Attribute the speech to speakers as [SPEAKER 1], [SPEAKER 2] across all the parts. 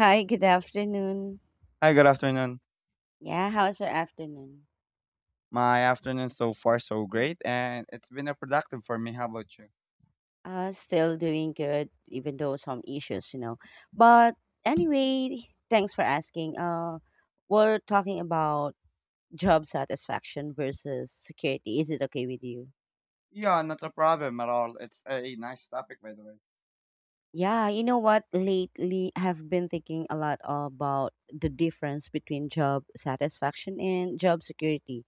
[SPEAKER 1] Hi, good afternoon.
[SPEAKER 2] Hi, good afternoon.
[SPEAKER 1] Yeah, how's your afternoon?
[SPEAKER 2] My afternoon so far so great, and it's been a productive for me. How about you?
[SPEAKER 1] Still doing good, even though some issues, you know. But anyway, thanks for asking. We're talking about job satisfaction versus security. Is it okay with you?
[SPEAKER 2] Yeah, not a problem at all. It's a nice topic, by the way.
[SPEAKER 1] Yeah, you know what? Lately, I've been thinking a lot about the difference between job satisfaction and job security,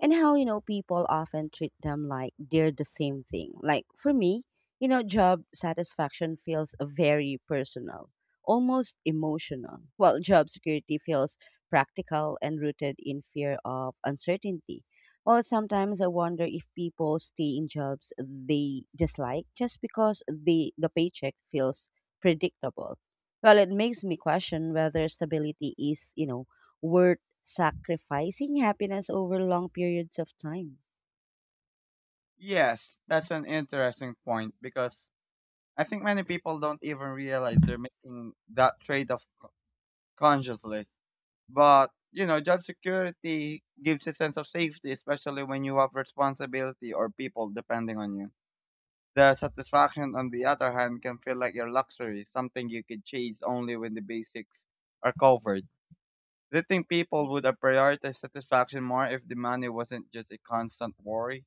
[SPEAKER 1] and how, you know, people often treat them like they're the same thing. Like for me, you know, job satisfaction feels very personal, almost emotional, while job security feels practical and rooted in fear of uncertainty. Well, sometimes I wonder if people stay in jobs they dislike just because the paycheck feels predictable. Well, it makes me question whether stability is, you know, worth sacrificing happiness over long periods of time.
[SPEAKER 2] Yes, that's an interesting point because I think many people don't even realize they're making that trade-off consciously. But job security gives a sense of safety, especially when you have responsibility or people depending on you. The satisfaction, on the other hand, can feel like your luxury, something you could chase only when the basics are covered. Do you think people would have prioritized satisfaction more if the money wasn't just a constant worry?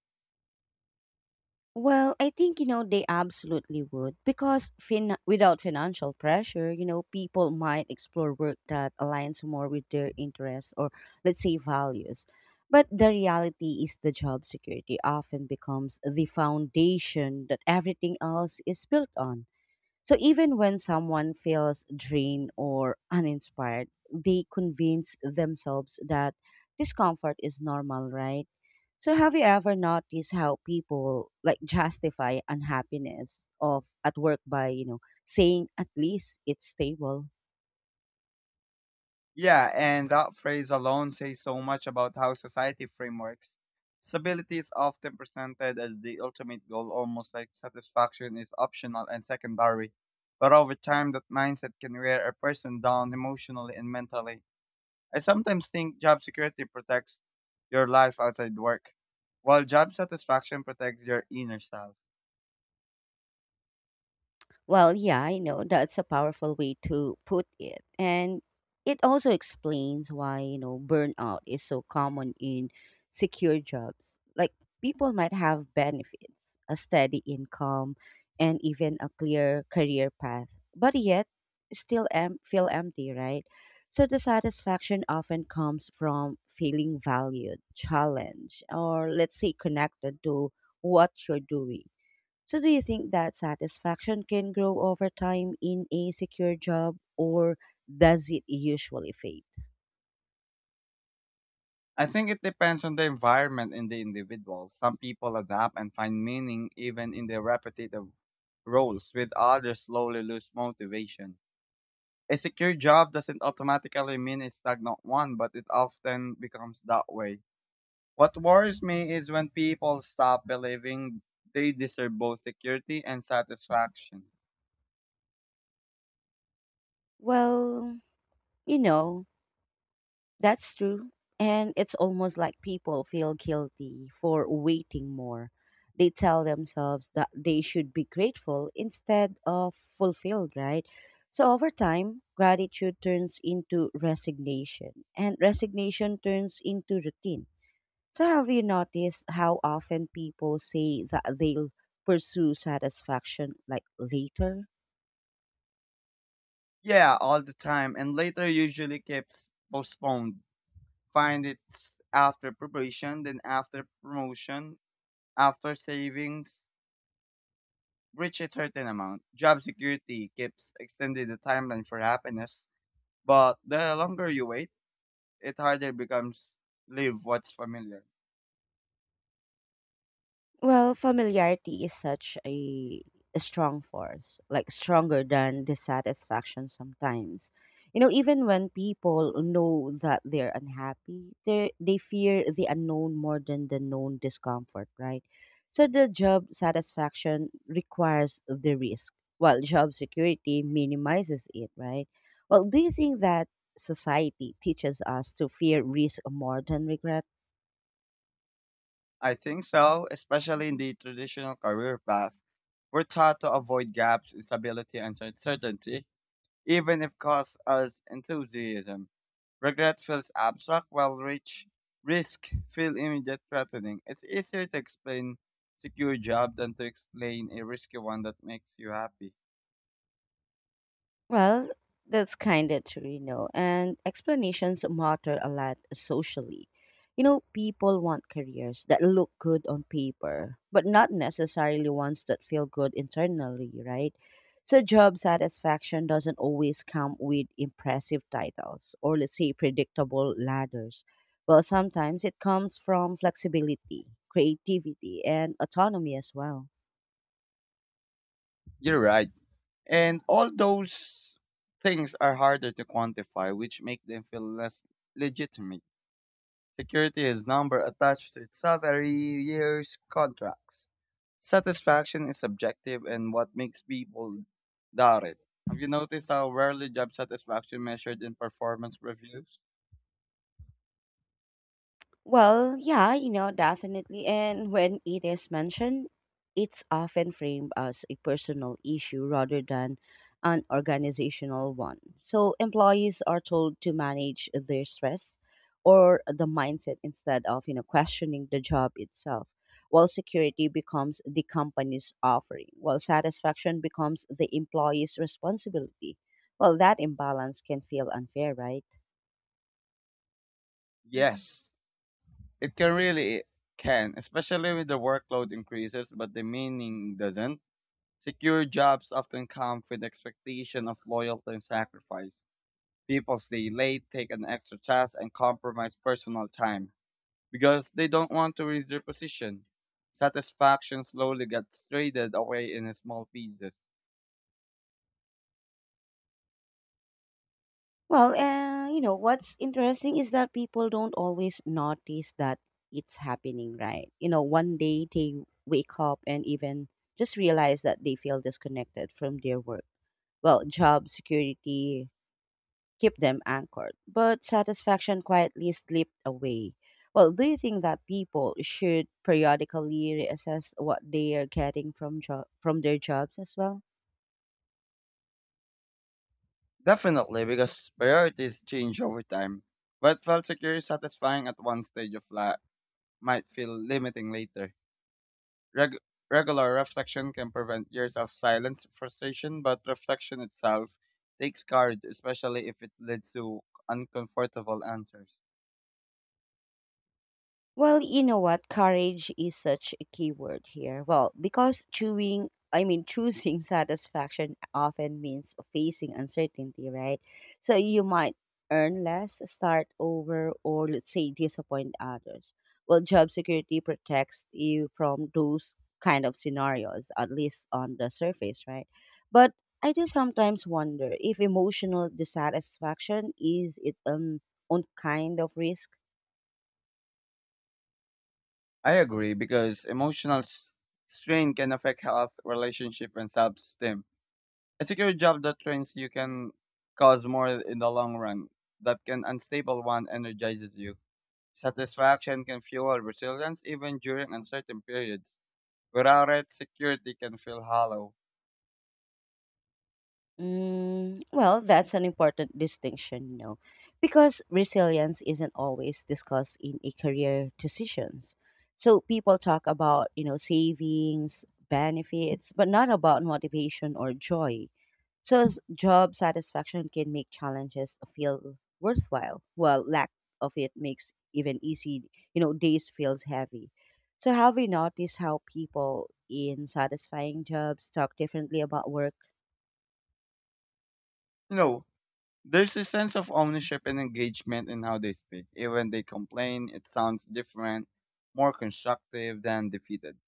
[SPEAKER 1] Well, I think, you know, they absolutely would because without financial pressure, you know, people might explore work that aligns more with their interests or, let's say, values. But the reality is the job security often becomes the foundation that everything else is built on. So even when someone feels drained or uninspired, they convince themselves that discomfort is normal, right? So have you ever noticed how people like justify unhappiness of at work by, you know, saying at least it's stable?
[SPEAKER 2] Yeah, and that phrase alone says so much about how society frameworks. Stability is often presented as the ultimate goal, almost like satisfaction is optional and secondary. But over time, that mindset can wear a person down emotionally and mentally. I sometimes think job security protects your life outside work, while job satisfaction protects your inner self.
[SPEAKER 1] Well, yeah, I know that's a powerful way to put it. And it also explains why, you know, burnout is so common in secure jobs. Like people might have benefits, a steady income, and even a clear career path, but yet still feel empty, right? So the satisfaction often comes from feeling valued, challenged, or let's say connected to what you're doing, so, do you think that satisfaction can grow over time in a secure job, or does it usually fade?
[SPEAKER 2] I think it depends on the environment and the individual. Some people adapt and find meaning even in their repetitive roles, with others slowly lose motivation. A secure job doesn't automatically mean a stagnant one, but it often becomes that way. What worries me is when people stop believing they deserve both security and satisfaction.
[SPEAKER 1] Well, you know, that's true. And it's almost like people feel guilty for waiting more. They tell themselves that they should be grateful instead of fulfilled, right? So over time, gratitude turns into resignation, and resignation turns into routine. So, have you noticed how often people say that they'll pursue satisfaction like later?
[SPEAKER 2] Yeah, all the time, and later usually gets postponed. Find it's after preparation, then after promotion, after savings, reach a certain amount. Job security keeps extending the timeline for happiness, but the longer you wait, it harder becomes live what's familiar.
[SPEAKER 1] Well, familiarity is such a strong force, like stronger than dissatisfaction sometimes. You know, even when people know that they're unhappy, they fear the unknown more than the known discomfort, right? So the job satisfaction requires the risk, while job security minimizes it, right? Well, do you think that society teaches us to fear risk more than regret?
[SPEAKER 2] I think so, especially in the traditional career path. We're taught to avoid gaps, instability, and uncertainty. Even if caused as enthusiasm. Regret feels abstract while rich risk feel immediate threatening. It's easier to explain secure job than to explain a risky one that makes you happy.
[SPEAKER 1] Well, that's kind of true, you know, and explanations matter a lot socially. You know, people want careers that look good on paper, but not necessarily ones that feel good internally, right? So, job satisfaction doesn't always come with impressive titles or, let's say, predictable ladders. Well, sometimes it comes from flexibility, creativity, and autonomy as well.
[SPEAKER 2] You're right. And all those things are harder to quantify, which make them feel less legitimate. Security is number attached to its salary, years, contracts. Satisfaction is subjective and what makes people doubt it. Have you noticed how rarely job satisfaction measured in performance reviews?
[SPEAKER 1] Well, yeah, you know, definitely. And when it is mentioned, it's often framed as a personal issue rather than an organizational one. So employees are told to manage their stress or the mindset instead of, you know, questioning the job itself. While security becomes the company's offering, while satisfaction becomes the employee's responsibility. Well, that imbalance can feel unfair, right?
[SPEAKER 2] Yes, it can really it can, especially when the workload increases, but the meaning doesn't. Secure jobs often come with expectation of loyalty and sacrifice. People stay late, take an extra task, and compromise personal time, because they don't want to risk their position. Satisfaction slowly gets traded away in small pieces.
[SPEAKER 1] Well, you know, what's interesting is that people don't always notice that it's happening, right? You know, one day they wake up and even just realize that they feel disconnected from their work. Well, job security keep them anchored, but satisfaction quietly slipped away. Well, do you think that people should periodically reassess what they are getting from from their jobs as well?
[SPEAKER 2] Definitely, because priorities change over time. What felt secure and satisfying at one stage of life might feel limiting later. Reg- Regular reflection can prevent years of silence frustration, but reflection itself takes courage, especially if it leads to uncomfortable answers.
[SPEAKER 1] Well, you know what? Courage is such a key word here. Well, because choosing satisfaction often means facing uncertainty, right? So you might earn less, start over, or let's say disappoint others. Well, job security protects you from those kind of scenarios, at least on the surface, right? But I do sometimes wonder if emotional dissatisfaction is it an own kind of risk.
[SPEAKER 2] I agree, because emotional strain can affect health, relationship, and self-esteem. A secure job that trains you can cause more in the long run. That can unstable one energizes you. Satisfaction can fuel resilience even during uncertain periods. Without it, security can feel hollow.
[SPEAKER 1] Mm, well, that's an important distinction, you know, because resilience isn't always discussed in a career decisions. So people talk about, you know, savings, benefits, but not about motivation or joy. So job satisfaction can make challenges feel worthwhile, while lack of it makes even easy, you know, days feels heavy. So have you noticed how people in satisfying jobs talk differently about work?
[SPEAKER 2] You know, there's a sense of ownership and engagement in how they speak. Even they complain, it sounds different, more constructive than defeated.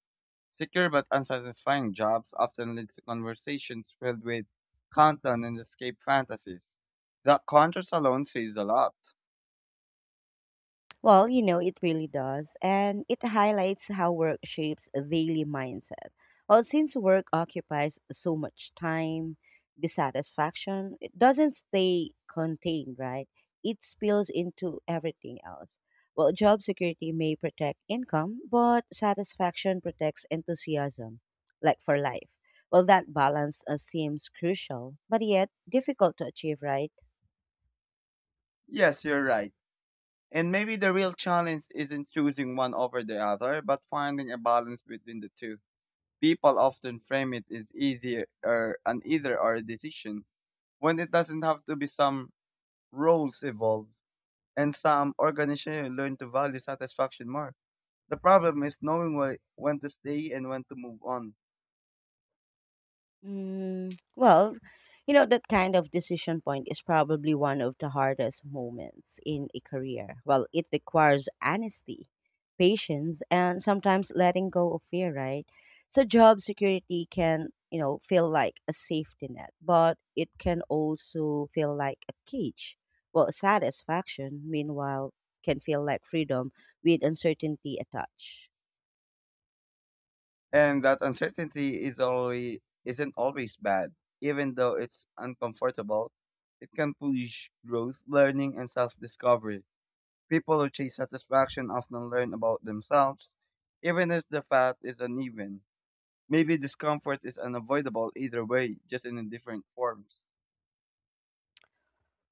[SPEAKER 2] Secure but unsatisfying jobs often lead to conversations filled with countdown and escape fantasies. That contrast alone says a lot.
[SPEAKER 1] Well, you know, it really does. And it highlights how work shapes a daily mindset. Well, since work occupies so much time, dissatisfaction, it doesn't stay contained, right? It spills into everything else. Well, job security may protect income, but satisfaction protects enthusiasm, like for life. Well, that balance seems crucial, but yet difficult to achieve, right?
[SPEAKER 2] Yes, you're right. And maybe the real challenge isn't choosing one over the other, but finding a balance between the two. People often frame it as easier or an either or decision when it doesn't have to be. Some roles evolve and some organizations learn to value satisfaction more. The problem is knowing when to stay and when to move on.
[SPEAKER 1] Mm, well, you know, that kind of decision point is probably one of the hardest moments in a career. Well, it requires honesty, patience, and sometimes letting go of fear, right? So, job security can, you know, feel like a safety net, but it can also feel like a cage. Well, satisfaction, meanwhile, can feel like freedom with uncertainty attached.
[SPEAKER 2] And that uncertainty is only isn't always bad. Even though it's uncomfortable, it can push growth, learning, and self-discovery. People who chase satisfaction often learn about themselves, even if the path is uneven. Maybe discomfort is unavoidable either way, just in different forms.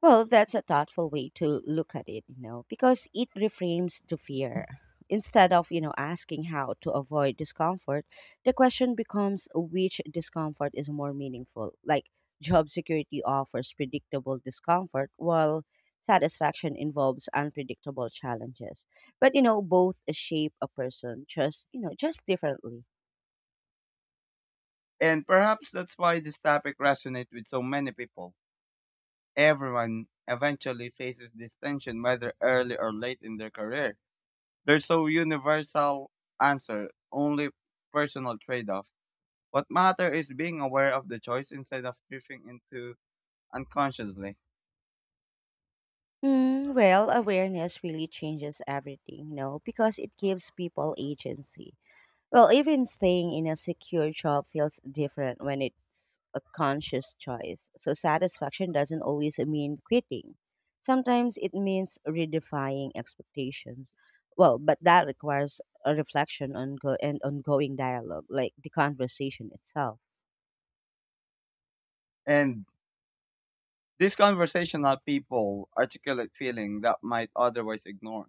[SPEAKER 1] Well, that's a thoughtful way to look at it, you know, because it reframes the fear. Instead of, you know, asking how to avoid discomfort, the question becomes which discomfort is more meaningful. Like job security offers predictable discomfort while satisfaction involves unpredictable challenges. But, you know, both shape a person just, you know, just differently.
[SPEAKER 2] And perhaps that's why this topic resonates with so many people. Everyone eventually faces this tension, whether early or late in their career. There's no universal answer, only personal trade-off. What matters is being aware of the choice instead of drifting into unconsciously.
[SPEAKER 1] Mm, well, awareness really changes everything, you know, because it gives people agency. Well, even staying in a secure job feels different when it's a conscious choice. So satisfaction doesn't always mean quitting. Sometimes it means redefining expectations. Well, but that requires a reflection on go- and ongoing dialogue, like the conversation itself.
[SPEAKER 2] And these conversational people articulate feeling that might otherwise ignore.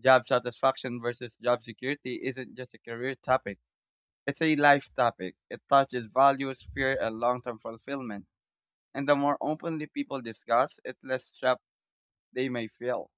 [SPEAKER 2] Job satisfaction versus job security isn't just a career topic. It's a life topic. It touches values, fear, and long-term fulfillment. And the more openly people discuss, it less trapped they may feel.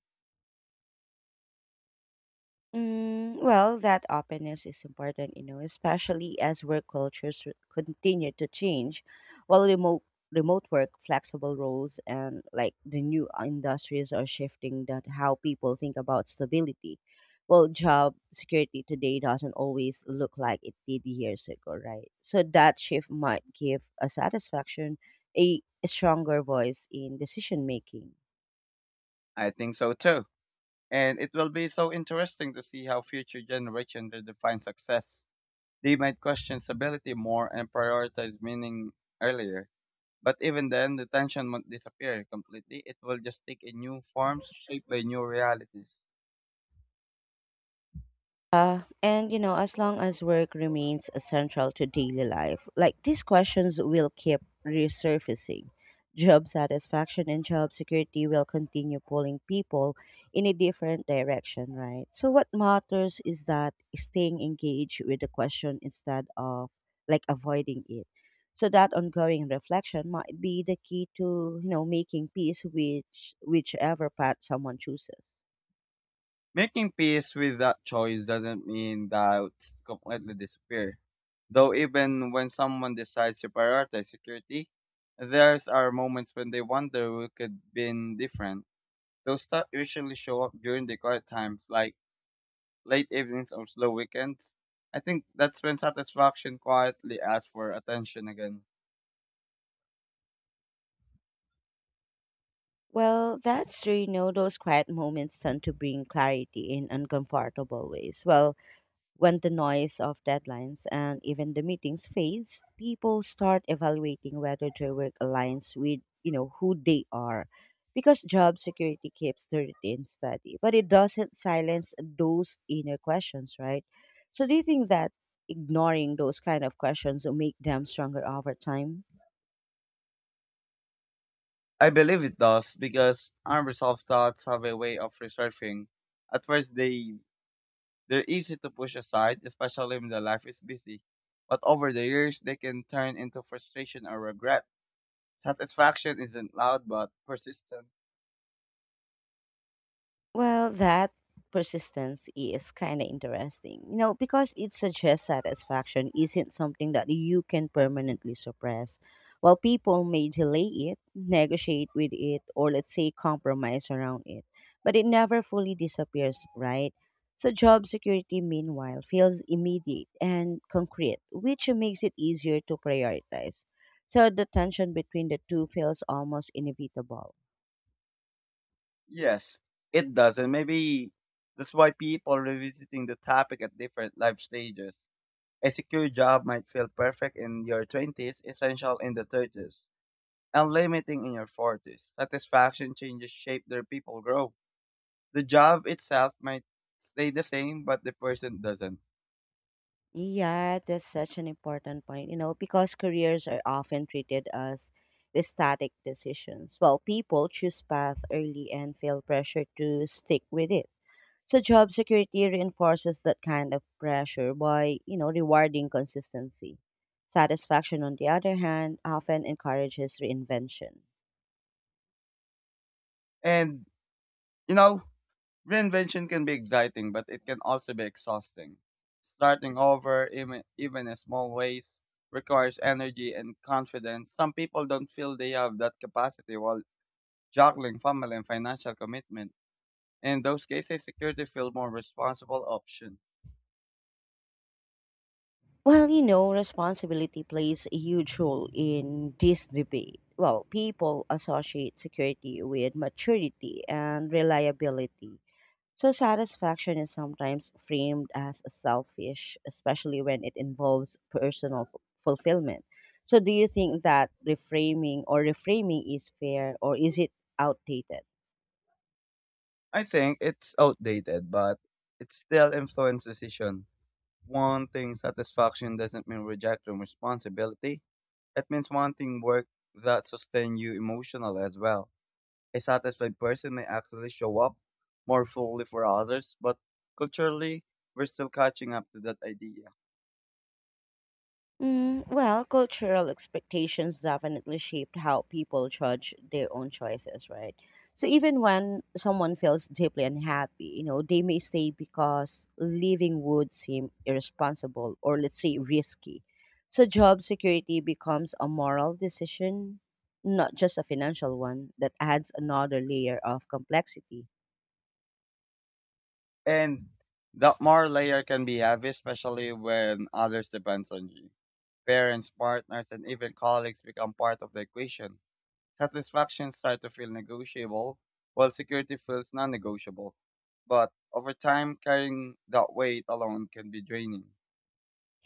[SPEAKER 1] Mm, well, that openness is important, you know, especially as work cultures continue to change, while remote work, flexible roles, and like the new industries are shifting that how people think about stability. Well, job security today doesn't always look like it did years ago, right? So that shift might give a satisfaction, a stronger voice in decision making.
[SPEAKER 2] I think so too. And it will be so interesting to see how future generations will define success. They might question stability more and prioritize meaning earlier. But even then, the tension won't disappear completely. It will just take a new form shaped by new realities.
[SPEAKER 1] And you know, as long as work remains central to daily life, like these questions will keep resurfacing. Job satisfaction and job security will continue pulling people in a different direction, right? So, what matters is that staying engaged with the question instead of like avoiding it. So that ongoing reflection might be the key to you know making peace which whichever path someone chooses.
[SPEAKER 2] Making peace with that choice doesn't mean doubts completely disappear. Though even when someone decides to prioritize security, there's are moments when they wonder who could have been different. Those stuff usually show up during the quiet times, like late evenings or slow weekends. I think that's when satisfaction quietly asks for attention again.
[SPEAKER 1] Well, that's true. You know, those quiet moments tend to bring clarity in uncomfortable ways. Well, when the noise of deadlines and even the meetings fades, people start evaluating whether their work aligns with, you know, who they are. Because job security keeps the routine steady, but it doesn't silence those inner questions, right? So do you think that ignoring those kind of questions will make them stronger over time?
[SPEAKER 2] I believe it does because unresolved thoughts have a way of resurfacing. At first, they're easy to push aside, especially when the life is busy. But over the years, they can turn into frustration or regret. Satisfaction isn't loud but persistent.
[SPEAKER 1] Well, that persistence is kind of interesting, you know, because it suggests satisfaction isn't something that you can permanently suppress. While people may delay it, negotiate with it, or let's say compromise around it, but it never fully disappears, right? So, job security, meanwhile, feels immediate and concrete, which makes it easier to prioritize. So, the tension between the two feels almost inevitable.
[SPEAKER 2] Yes, it does, and maybe that's why people revisiting the topic at different life stages. A secure job might feel perfect in your 20s, essential in the 30s, and limiting in your 40s. Satisfaction changes shape their people grow. The job itself might stay the same, but the person doesn't.
[SPEAKER 1] Yeah, that's such an important point, you know, because careers are often treated as static decisions. Well, people choose path early and feel pressure to stick with it. So job security reinforces that kind of pressure by, you know, rewarding consistency. Satisfaction, on the other hand, often encourages reinvention.
[SPEAKER 2] And, you know, Reinvention can be exciting, but it can also be exhausting. Starting over, even in small ways, requires energy and confidence. Some people don't feel they have that capacity while juggling family and financial commitment. In those cases, security feels more responsible option.
[SPEAKER 1] Well, you know, responsibility plays a huge role in this debate. Well, people associate security with maturity and reliability, so, satisfaction is sometimes framed as selfish, especially when it involves personal fulfillment. So, do you think that reframing is fair or is it outdated?
[SPEAKER 2] I think it's outdated, but it still influences decision. Wanting satisfaction doesn't mean rejecting responsibility. It means wanting work that sustain you emotionally as well. A satisfied person may actually show up more fully for others, but culturally, we're still catching up to that idea.
[SPEAKER 1] Mm, well, cultural expectations definitely shaped how people judge their own choices, right? So even when someone feels deeply unhappy, you know, they may stay because leaving would seem irresponsible or let's say risky. So job security becomes a moral decision, not just a financial one, that adds another layer of complexity.
[SPEAKER 2] And that more layer can be heavy, especially when others depends on you. Parents, partners, and even colleagues become part of the equation. Satisfaction starts to feel negotiable, while security feels non-negotiable. But over time, carrying that weight alone can be draining.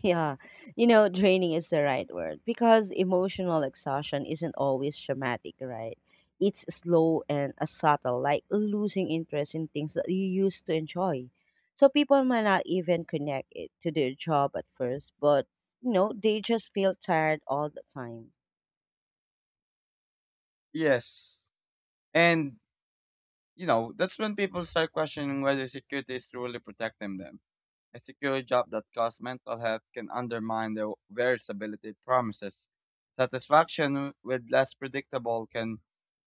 [SPEAKER 1] Yeah, you know, draining is the right word because emotional exhaustion isn't always traumatic, right? It's slow and subtle, like losing interest in things that you used to enjoy. So people might not even connect it to their job at first, but you know, they just feel tired all the time.
[SPEAKER 2] Yes, and You know, that's when people start questioning whether security is truly protecting them. A secure job that costs mental health can undermine the very stability it promises. Satisfaction with less predictable can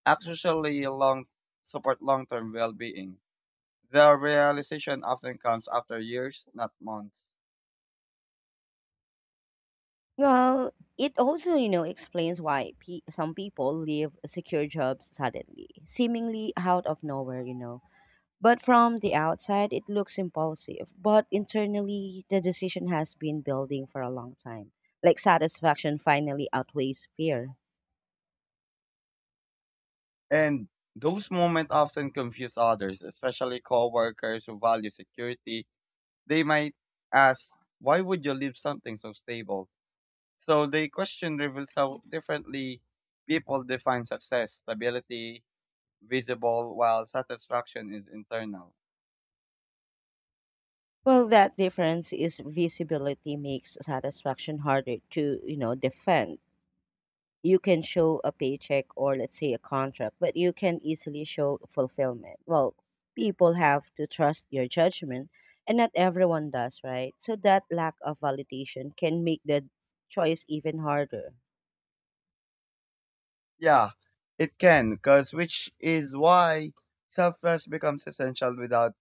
[SPEAKER 2] actually long support long-term well-being. The realization often comes after years, not months.
[SPEAKER 1] Well, it also, you know, explains why some people leave secure jobs suddenly, seemingly out of nowhere, you know. But from the outside, it looks impulsive. But internally, the decision has been building for a long time. Like satisfaction finally outweighs fear.
[SPEAKER 2] And those moments often confuse others, especially coworkers who value security. They might ask, why would you leave something so stable? So the question reveals how differently people define success, stability, visible, while satisfaction is internal.
[SPEAKER 1] Well, that difference is visibility makes satisfaction harder to, you know, defend. You can show a paycheck or let's say a contract, but you can easily show fulfillment. Well, people have to trust your judgment, and not everyone does, right? So that lack of validation can make the choice even harder.
[SPEAKER 2] Yeah, it can, because which is why self-trust becomes essential without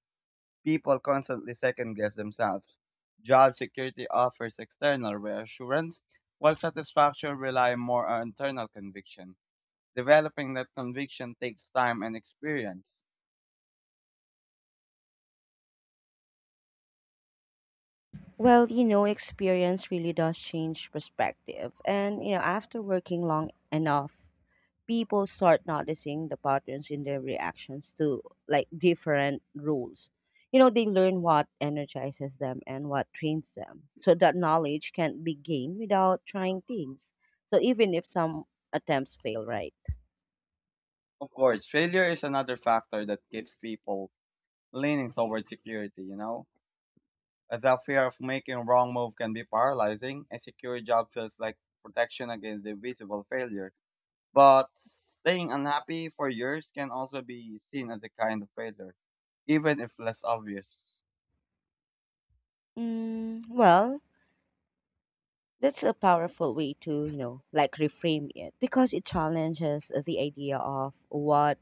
[SPEAKER 2] people constantly second-guess themselves. Job security offers external reassurance, while satisfaction rely more on internal conviction. Developing that conviction takes time and experience.
[SPEAKER 1] Experience really does change perspective. After working long enough people start noticing the patterns in their reactions to different rules. They learn what energizes them and what trains them. So that knowledge can be gained without trying things. So even if some attempts fail, right?
[SPEAKER 2] Of course, failure is another factor that keeps people leaning toward security, you know? The fear of making a wrong move can be paralyzing. A secure job feels like protection against the visible failure. But staying unhappy for years can also be seen as a kind of failure, even if less obvious.
[SPEAKER 1] Mm, well, that's a powerful way to, reframe it because it challenges the idea of what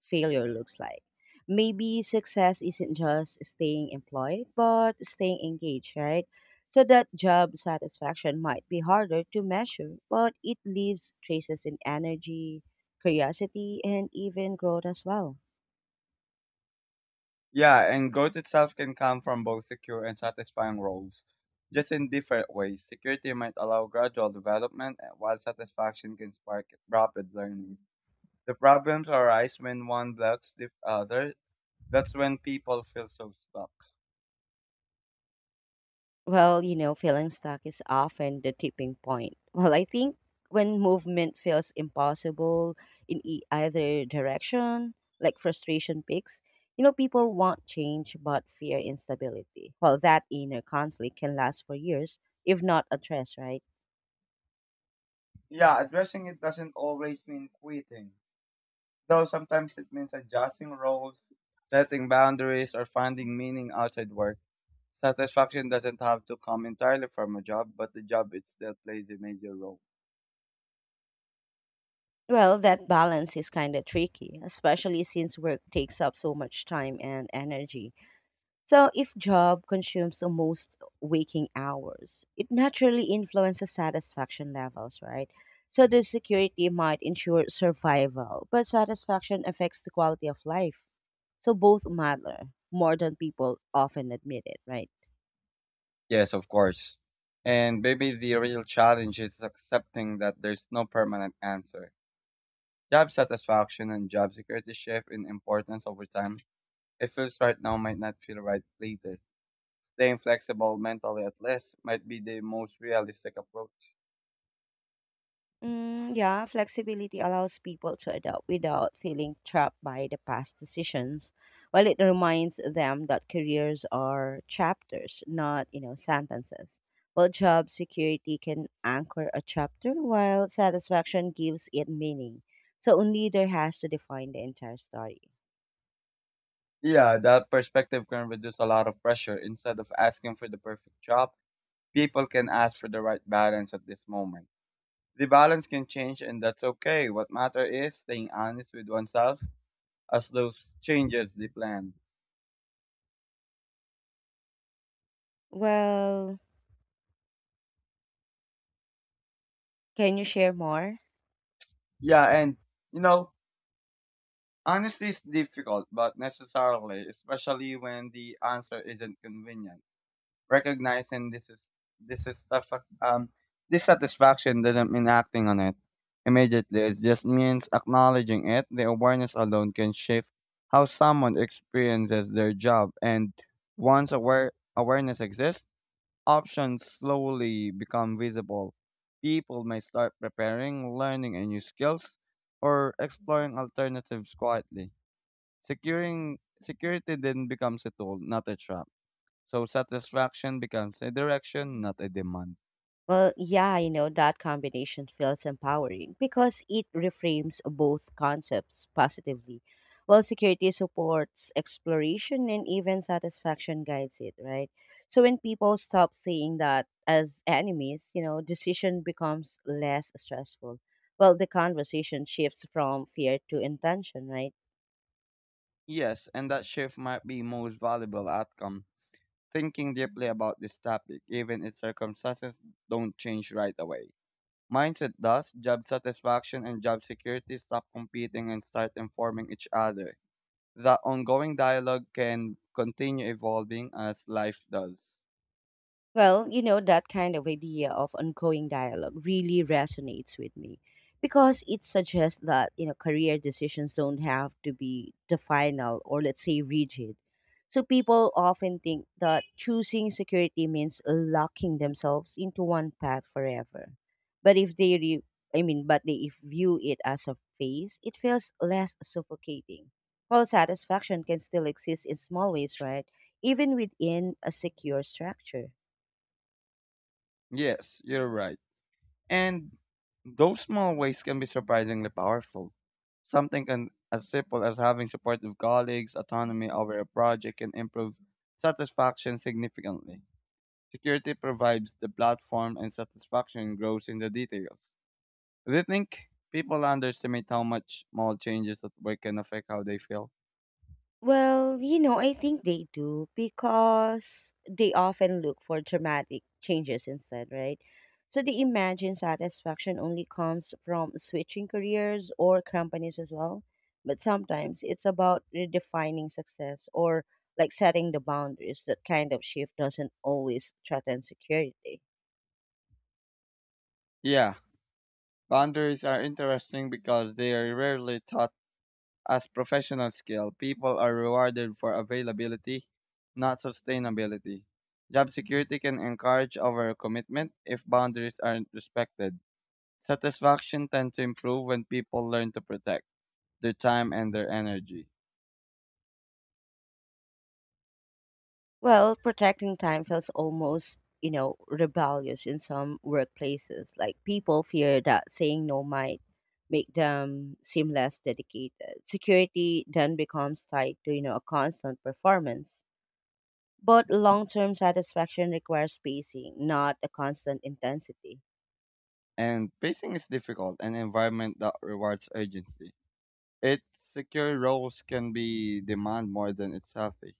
[SPEAKER 1] failure looks like. Maybe success isn't just staying employed, but staying engaged, right? So that job satisfaction might be harder to measure, but it leaves traces in energy, curiosity, and even growth as well.
[SPEAKER 2] Yeah, and growth itself can come from both secure and satisfying roles, just in different ways. Security might allow gradual development, while satisfaction can spark rapid learning. The problems arise when one blocks the other. That's when people feel so stuck.
[SPEAKER 1] Feeling stuck is often the tipping point. I think when movement feels impossible in either direction, like frustration peaks, people want change but fear instability. That inner conflict can last for years, if not addressed, right?
[SPEAKER 2] Yeah, addressing it doesn't always mean quitting, though sometimes it means adjusting roles, setting boundaries, or finding meaning outside work. Satisfaction doesn't have to come entirely from a job, but the job it still plays a major role.
[SPEAKER 1] That balance is kind of tricky, especially since work takes up so much time and energy. So, if job consumes almost waking hours, it naturally influences satisfaction levels, right? So, the security might ensure survival, but satisfaction affects the quality of life. So, both matter more than people often admit it, right?
[SPEAKER 2] Yes, of course. And maybe the real challenge is accepting that there's no permanent answer. Job satisfaction and job security shift in importance over time. It feels right now might not feel right later. Staying inflexible mentally at least might be the most realistic approach.
[SPEAKER 1] Mm, yeah, flexibility allows people to adapt without feeling trapped by the past decisions, while it reminds them that careers are chapters, not, sentences. While job security can anchor a chapter, while satisfaction gives it meaning. So a leader has to define the entire story.
[SPEAKER 2] Yeah, that perspective can reduce a lot of pressure. Instead of asking for the perfect job, people can ask for the right balance at this moment. The balance can change and that's okay. What matters is staying honest with oneself as those changes the plan.
[SPEAKER 1] Well, can you share more?
[SPEAKER 2] Yeah, and you know, Honesty is difficult but necessarily, especially when the answer isn't convenient. Recognizing this is the um dissatisfaction doesn't mean acting on it immediately. It just means acknowledging it. The awareness alone can shift how someone experiences their job, and once awareness exists, options slowly become visible. People may start preparing, learning a new skills, or exploring alternatives quietly. Securing security then becomes a tool, not a trap. So satisfaction becomes a direction, not a demand.
[SPEAKER 1] That combination feels empowering because it reframes both concepts positively. Security supports exploration and even satisfaction guides it, right? So when people stop seeing that as enemies, decision becomes less stressful. The conversation shifts from fear to intention, right?
[SPEAKER 2] Yes, and that shift might be most valuable outcome. Thinking deeply about this topic, even if circumstances don't change right away. Mindset does, job satisfaction and job security stop competing and start informing each other. That ongoing dialogue can continue evolving as life does.
[SPEAKER 1] That kind of idea of ongoing dialogue really resonates with me because it suggests that, career decisions don't have to be the final or let's say rigid. So people often think that choosing security means locking themselves into one path forever. But if they re- I mean, but they if view it as a phase, it feels less suffocating. While satisfaction can still exist in small ways, right? Even within a secure structure.
[SPEAKER 2] Yes, you're right. And those small ways can be surprisingly powerful. Something can, as simple as having supportive colleagues, autonomy over a project can improve satisfaction significantly. Security provides the platform and satisfaction grows in the details. Do you think people underestimate how much small changes at work can affect how they feel?
[SPEAKER 1] I think they do because they often look for dramatic changes instead, right? So they imagine satisfaction only comes from switching careers or companies as well. But sometimes it's about redefining success or setting the boundaries. That kind of shift doesn't always threaten security.
[SPEAKER 2] Yeah, boundaries are interesting because they are rarely taught as professional skill, people are rewarded for availability, not sustainability. Job security can encourage overcommitment if boundaries aren't respected. Satisfaction tends to improve when people learn to protect their time and their energy.
[SPEAKER 1] Protecting time feels almost, rebellious in some workplaces. Like people fear that saying no might make them seem less dedicated. Security then becomes tied to, a constant performance. But long term satisfaction requires pacing, not a constant intensity.
[SPEAKER 2] And pacing is difficult, an environment that rewards urgency. Its secure roles can be demand more than it's healthy.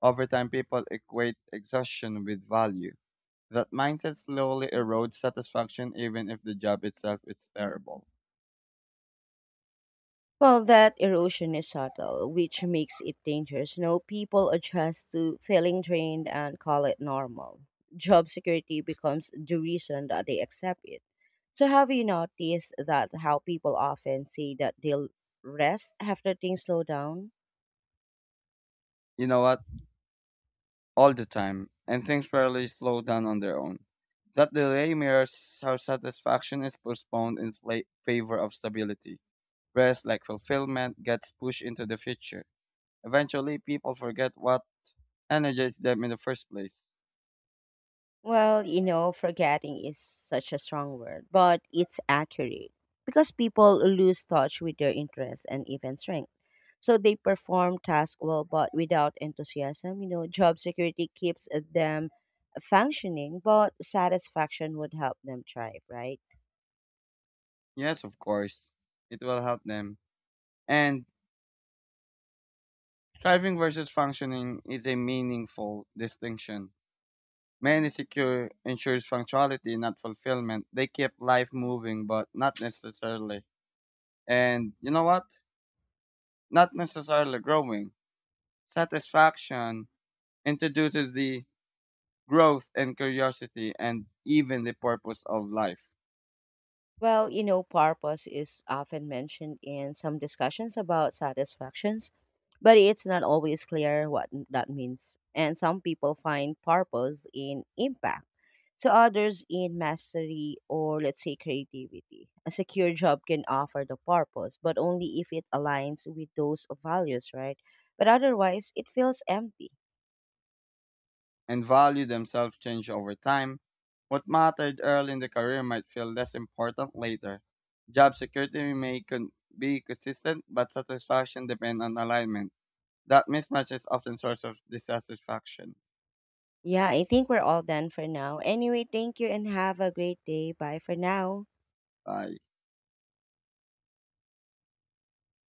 [SPEAKER 2] Over time, people equate exhaustion with value. That mindset slowly erodes satisfaction even if the job itself is terrible.
[SPEAKER 1] That erosion is subtle, which makes it dangerous. No people adjust to feeling drained and call it normal. Job security becomes the reason that they accept it. So, have you noticed that how people often say that they'll rest after things slow down?
[SPEAKER 2] You know what? All the time. And things rarely slow down on their own. That delay mirrors how satisfaction is postponed in favor of stability. Rest, like fulfillment, gets pushed into the future. Eventually, people forget what energized them in the first place.
[SPEAKER 1] Forgetting is such a strong word, but it's accurate because people lose touch with their interests and even strength. So they perform tasks well, but without enthusiasm, job security keeps them functioning, but satisfaction would help them thrive, right?
[SPEAKER 2] Yes, of course, it will help them. And thriving versus functioning is a meaningful distinction. Many secure ensures functionality, not fulfillment. They keep life moving, but not necessarily. And you know what? Not necessarily growing. Satisfaction introduces the growth and curiosity and even the purpose of life.
[SPEAKER 1] Purpose is often mentioned in some discussions about satisfactions, but it's not always clear what that means. And some people find purpose in impact, so others in mastery or, let's say, creativity. A secure job can offer the purpose, but only if it aligns with those values, right? But otherwise, it feels empty.
[SPEAKER 2] And value themselves change over time. What mattered early in the career might feel less important later. Job security may be consistent, but satisfaction depends on alignment. That mismatch is often source of dissatisfaction.
[SPEAKER 1] Yeah, I think we're all done for now. Anyway, thank you and have a great day. Bye for now.
[SPEAKER 2] Ah,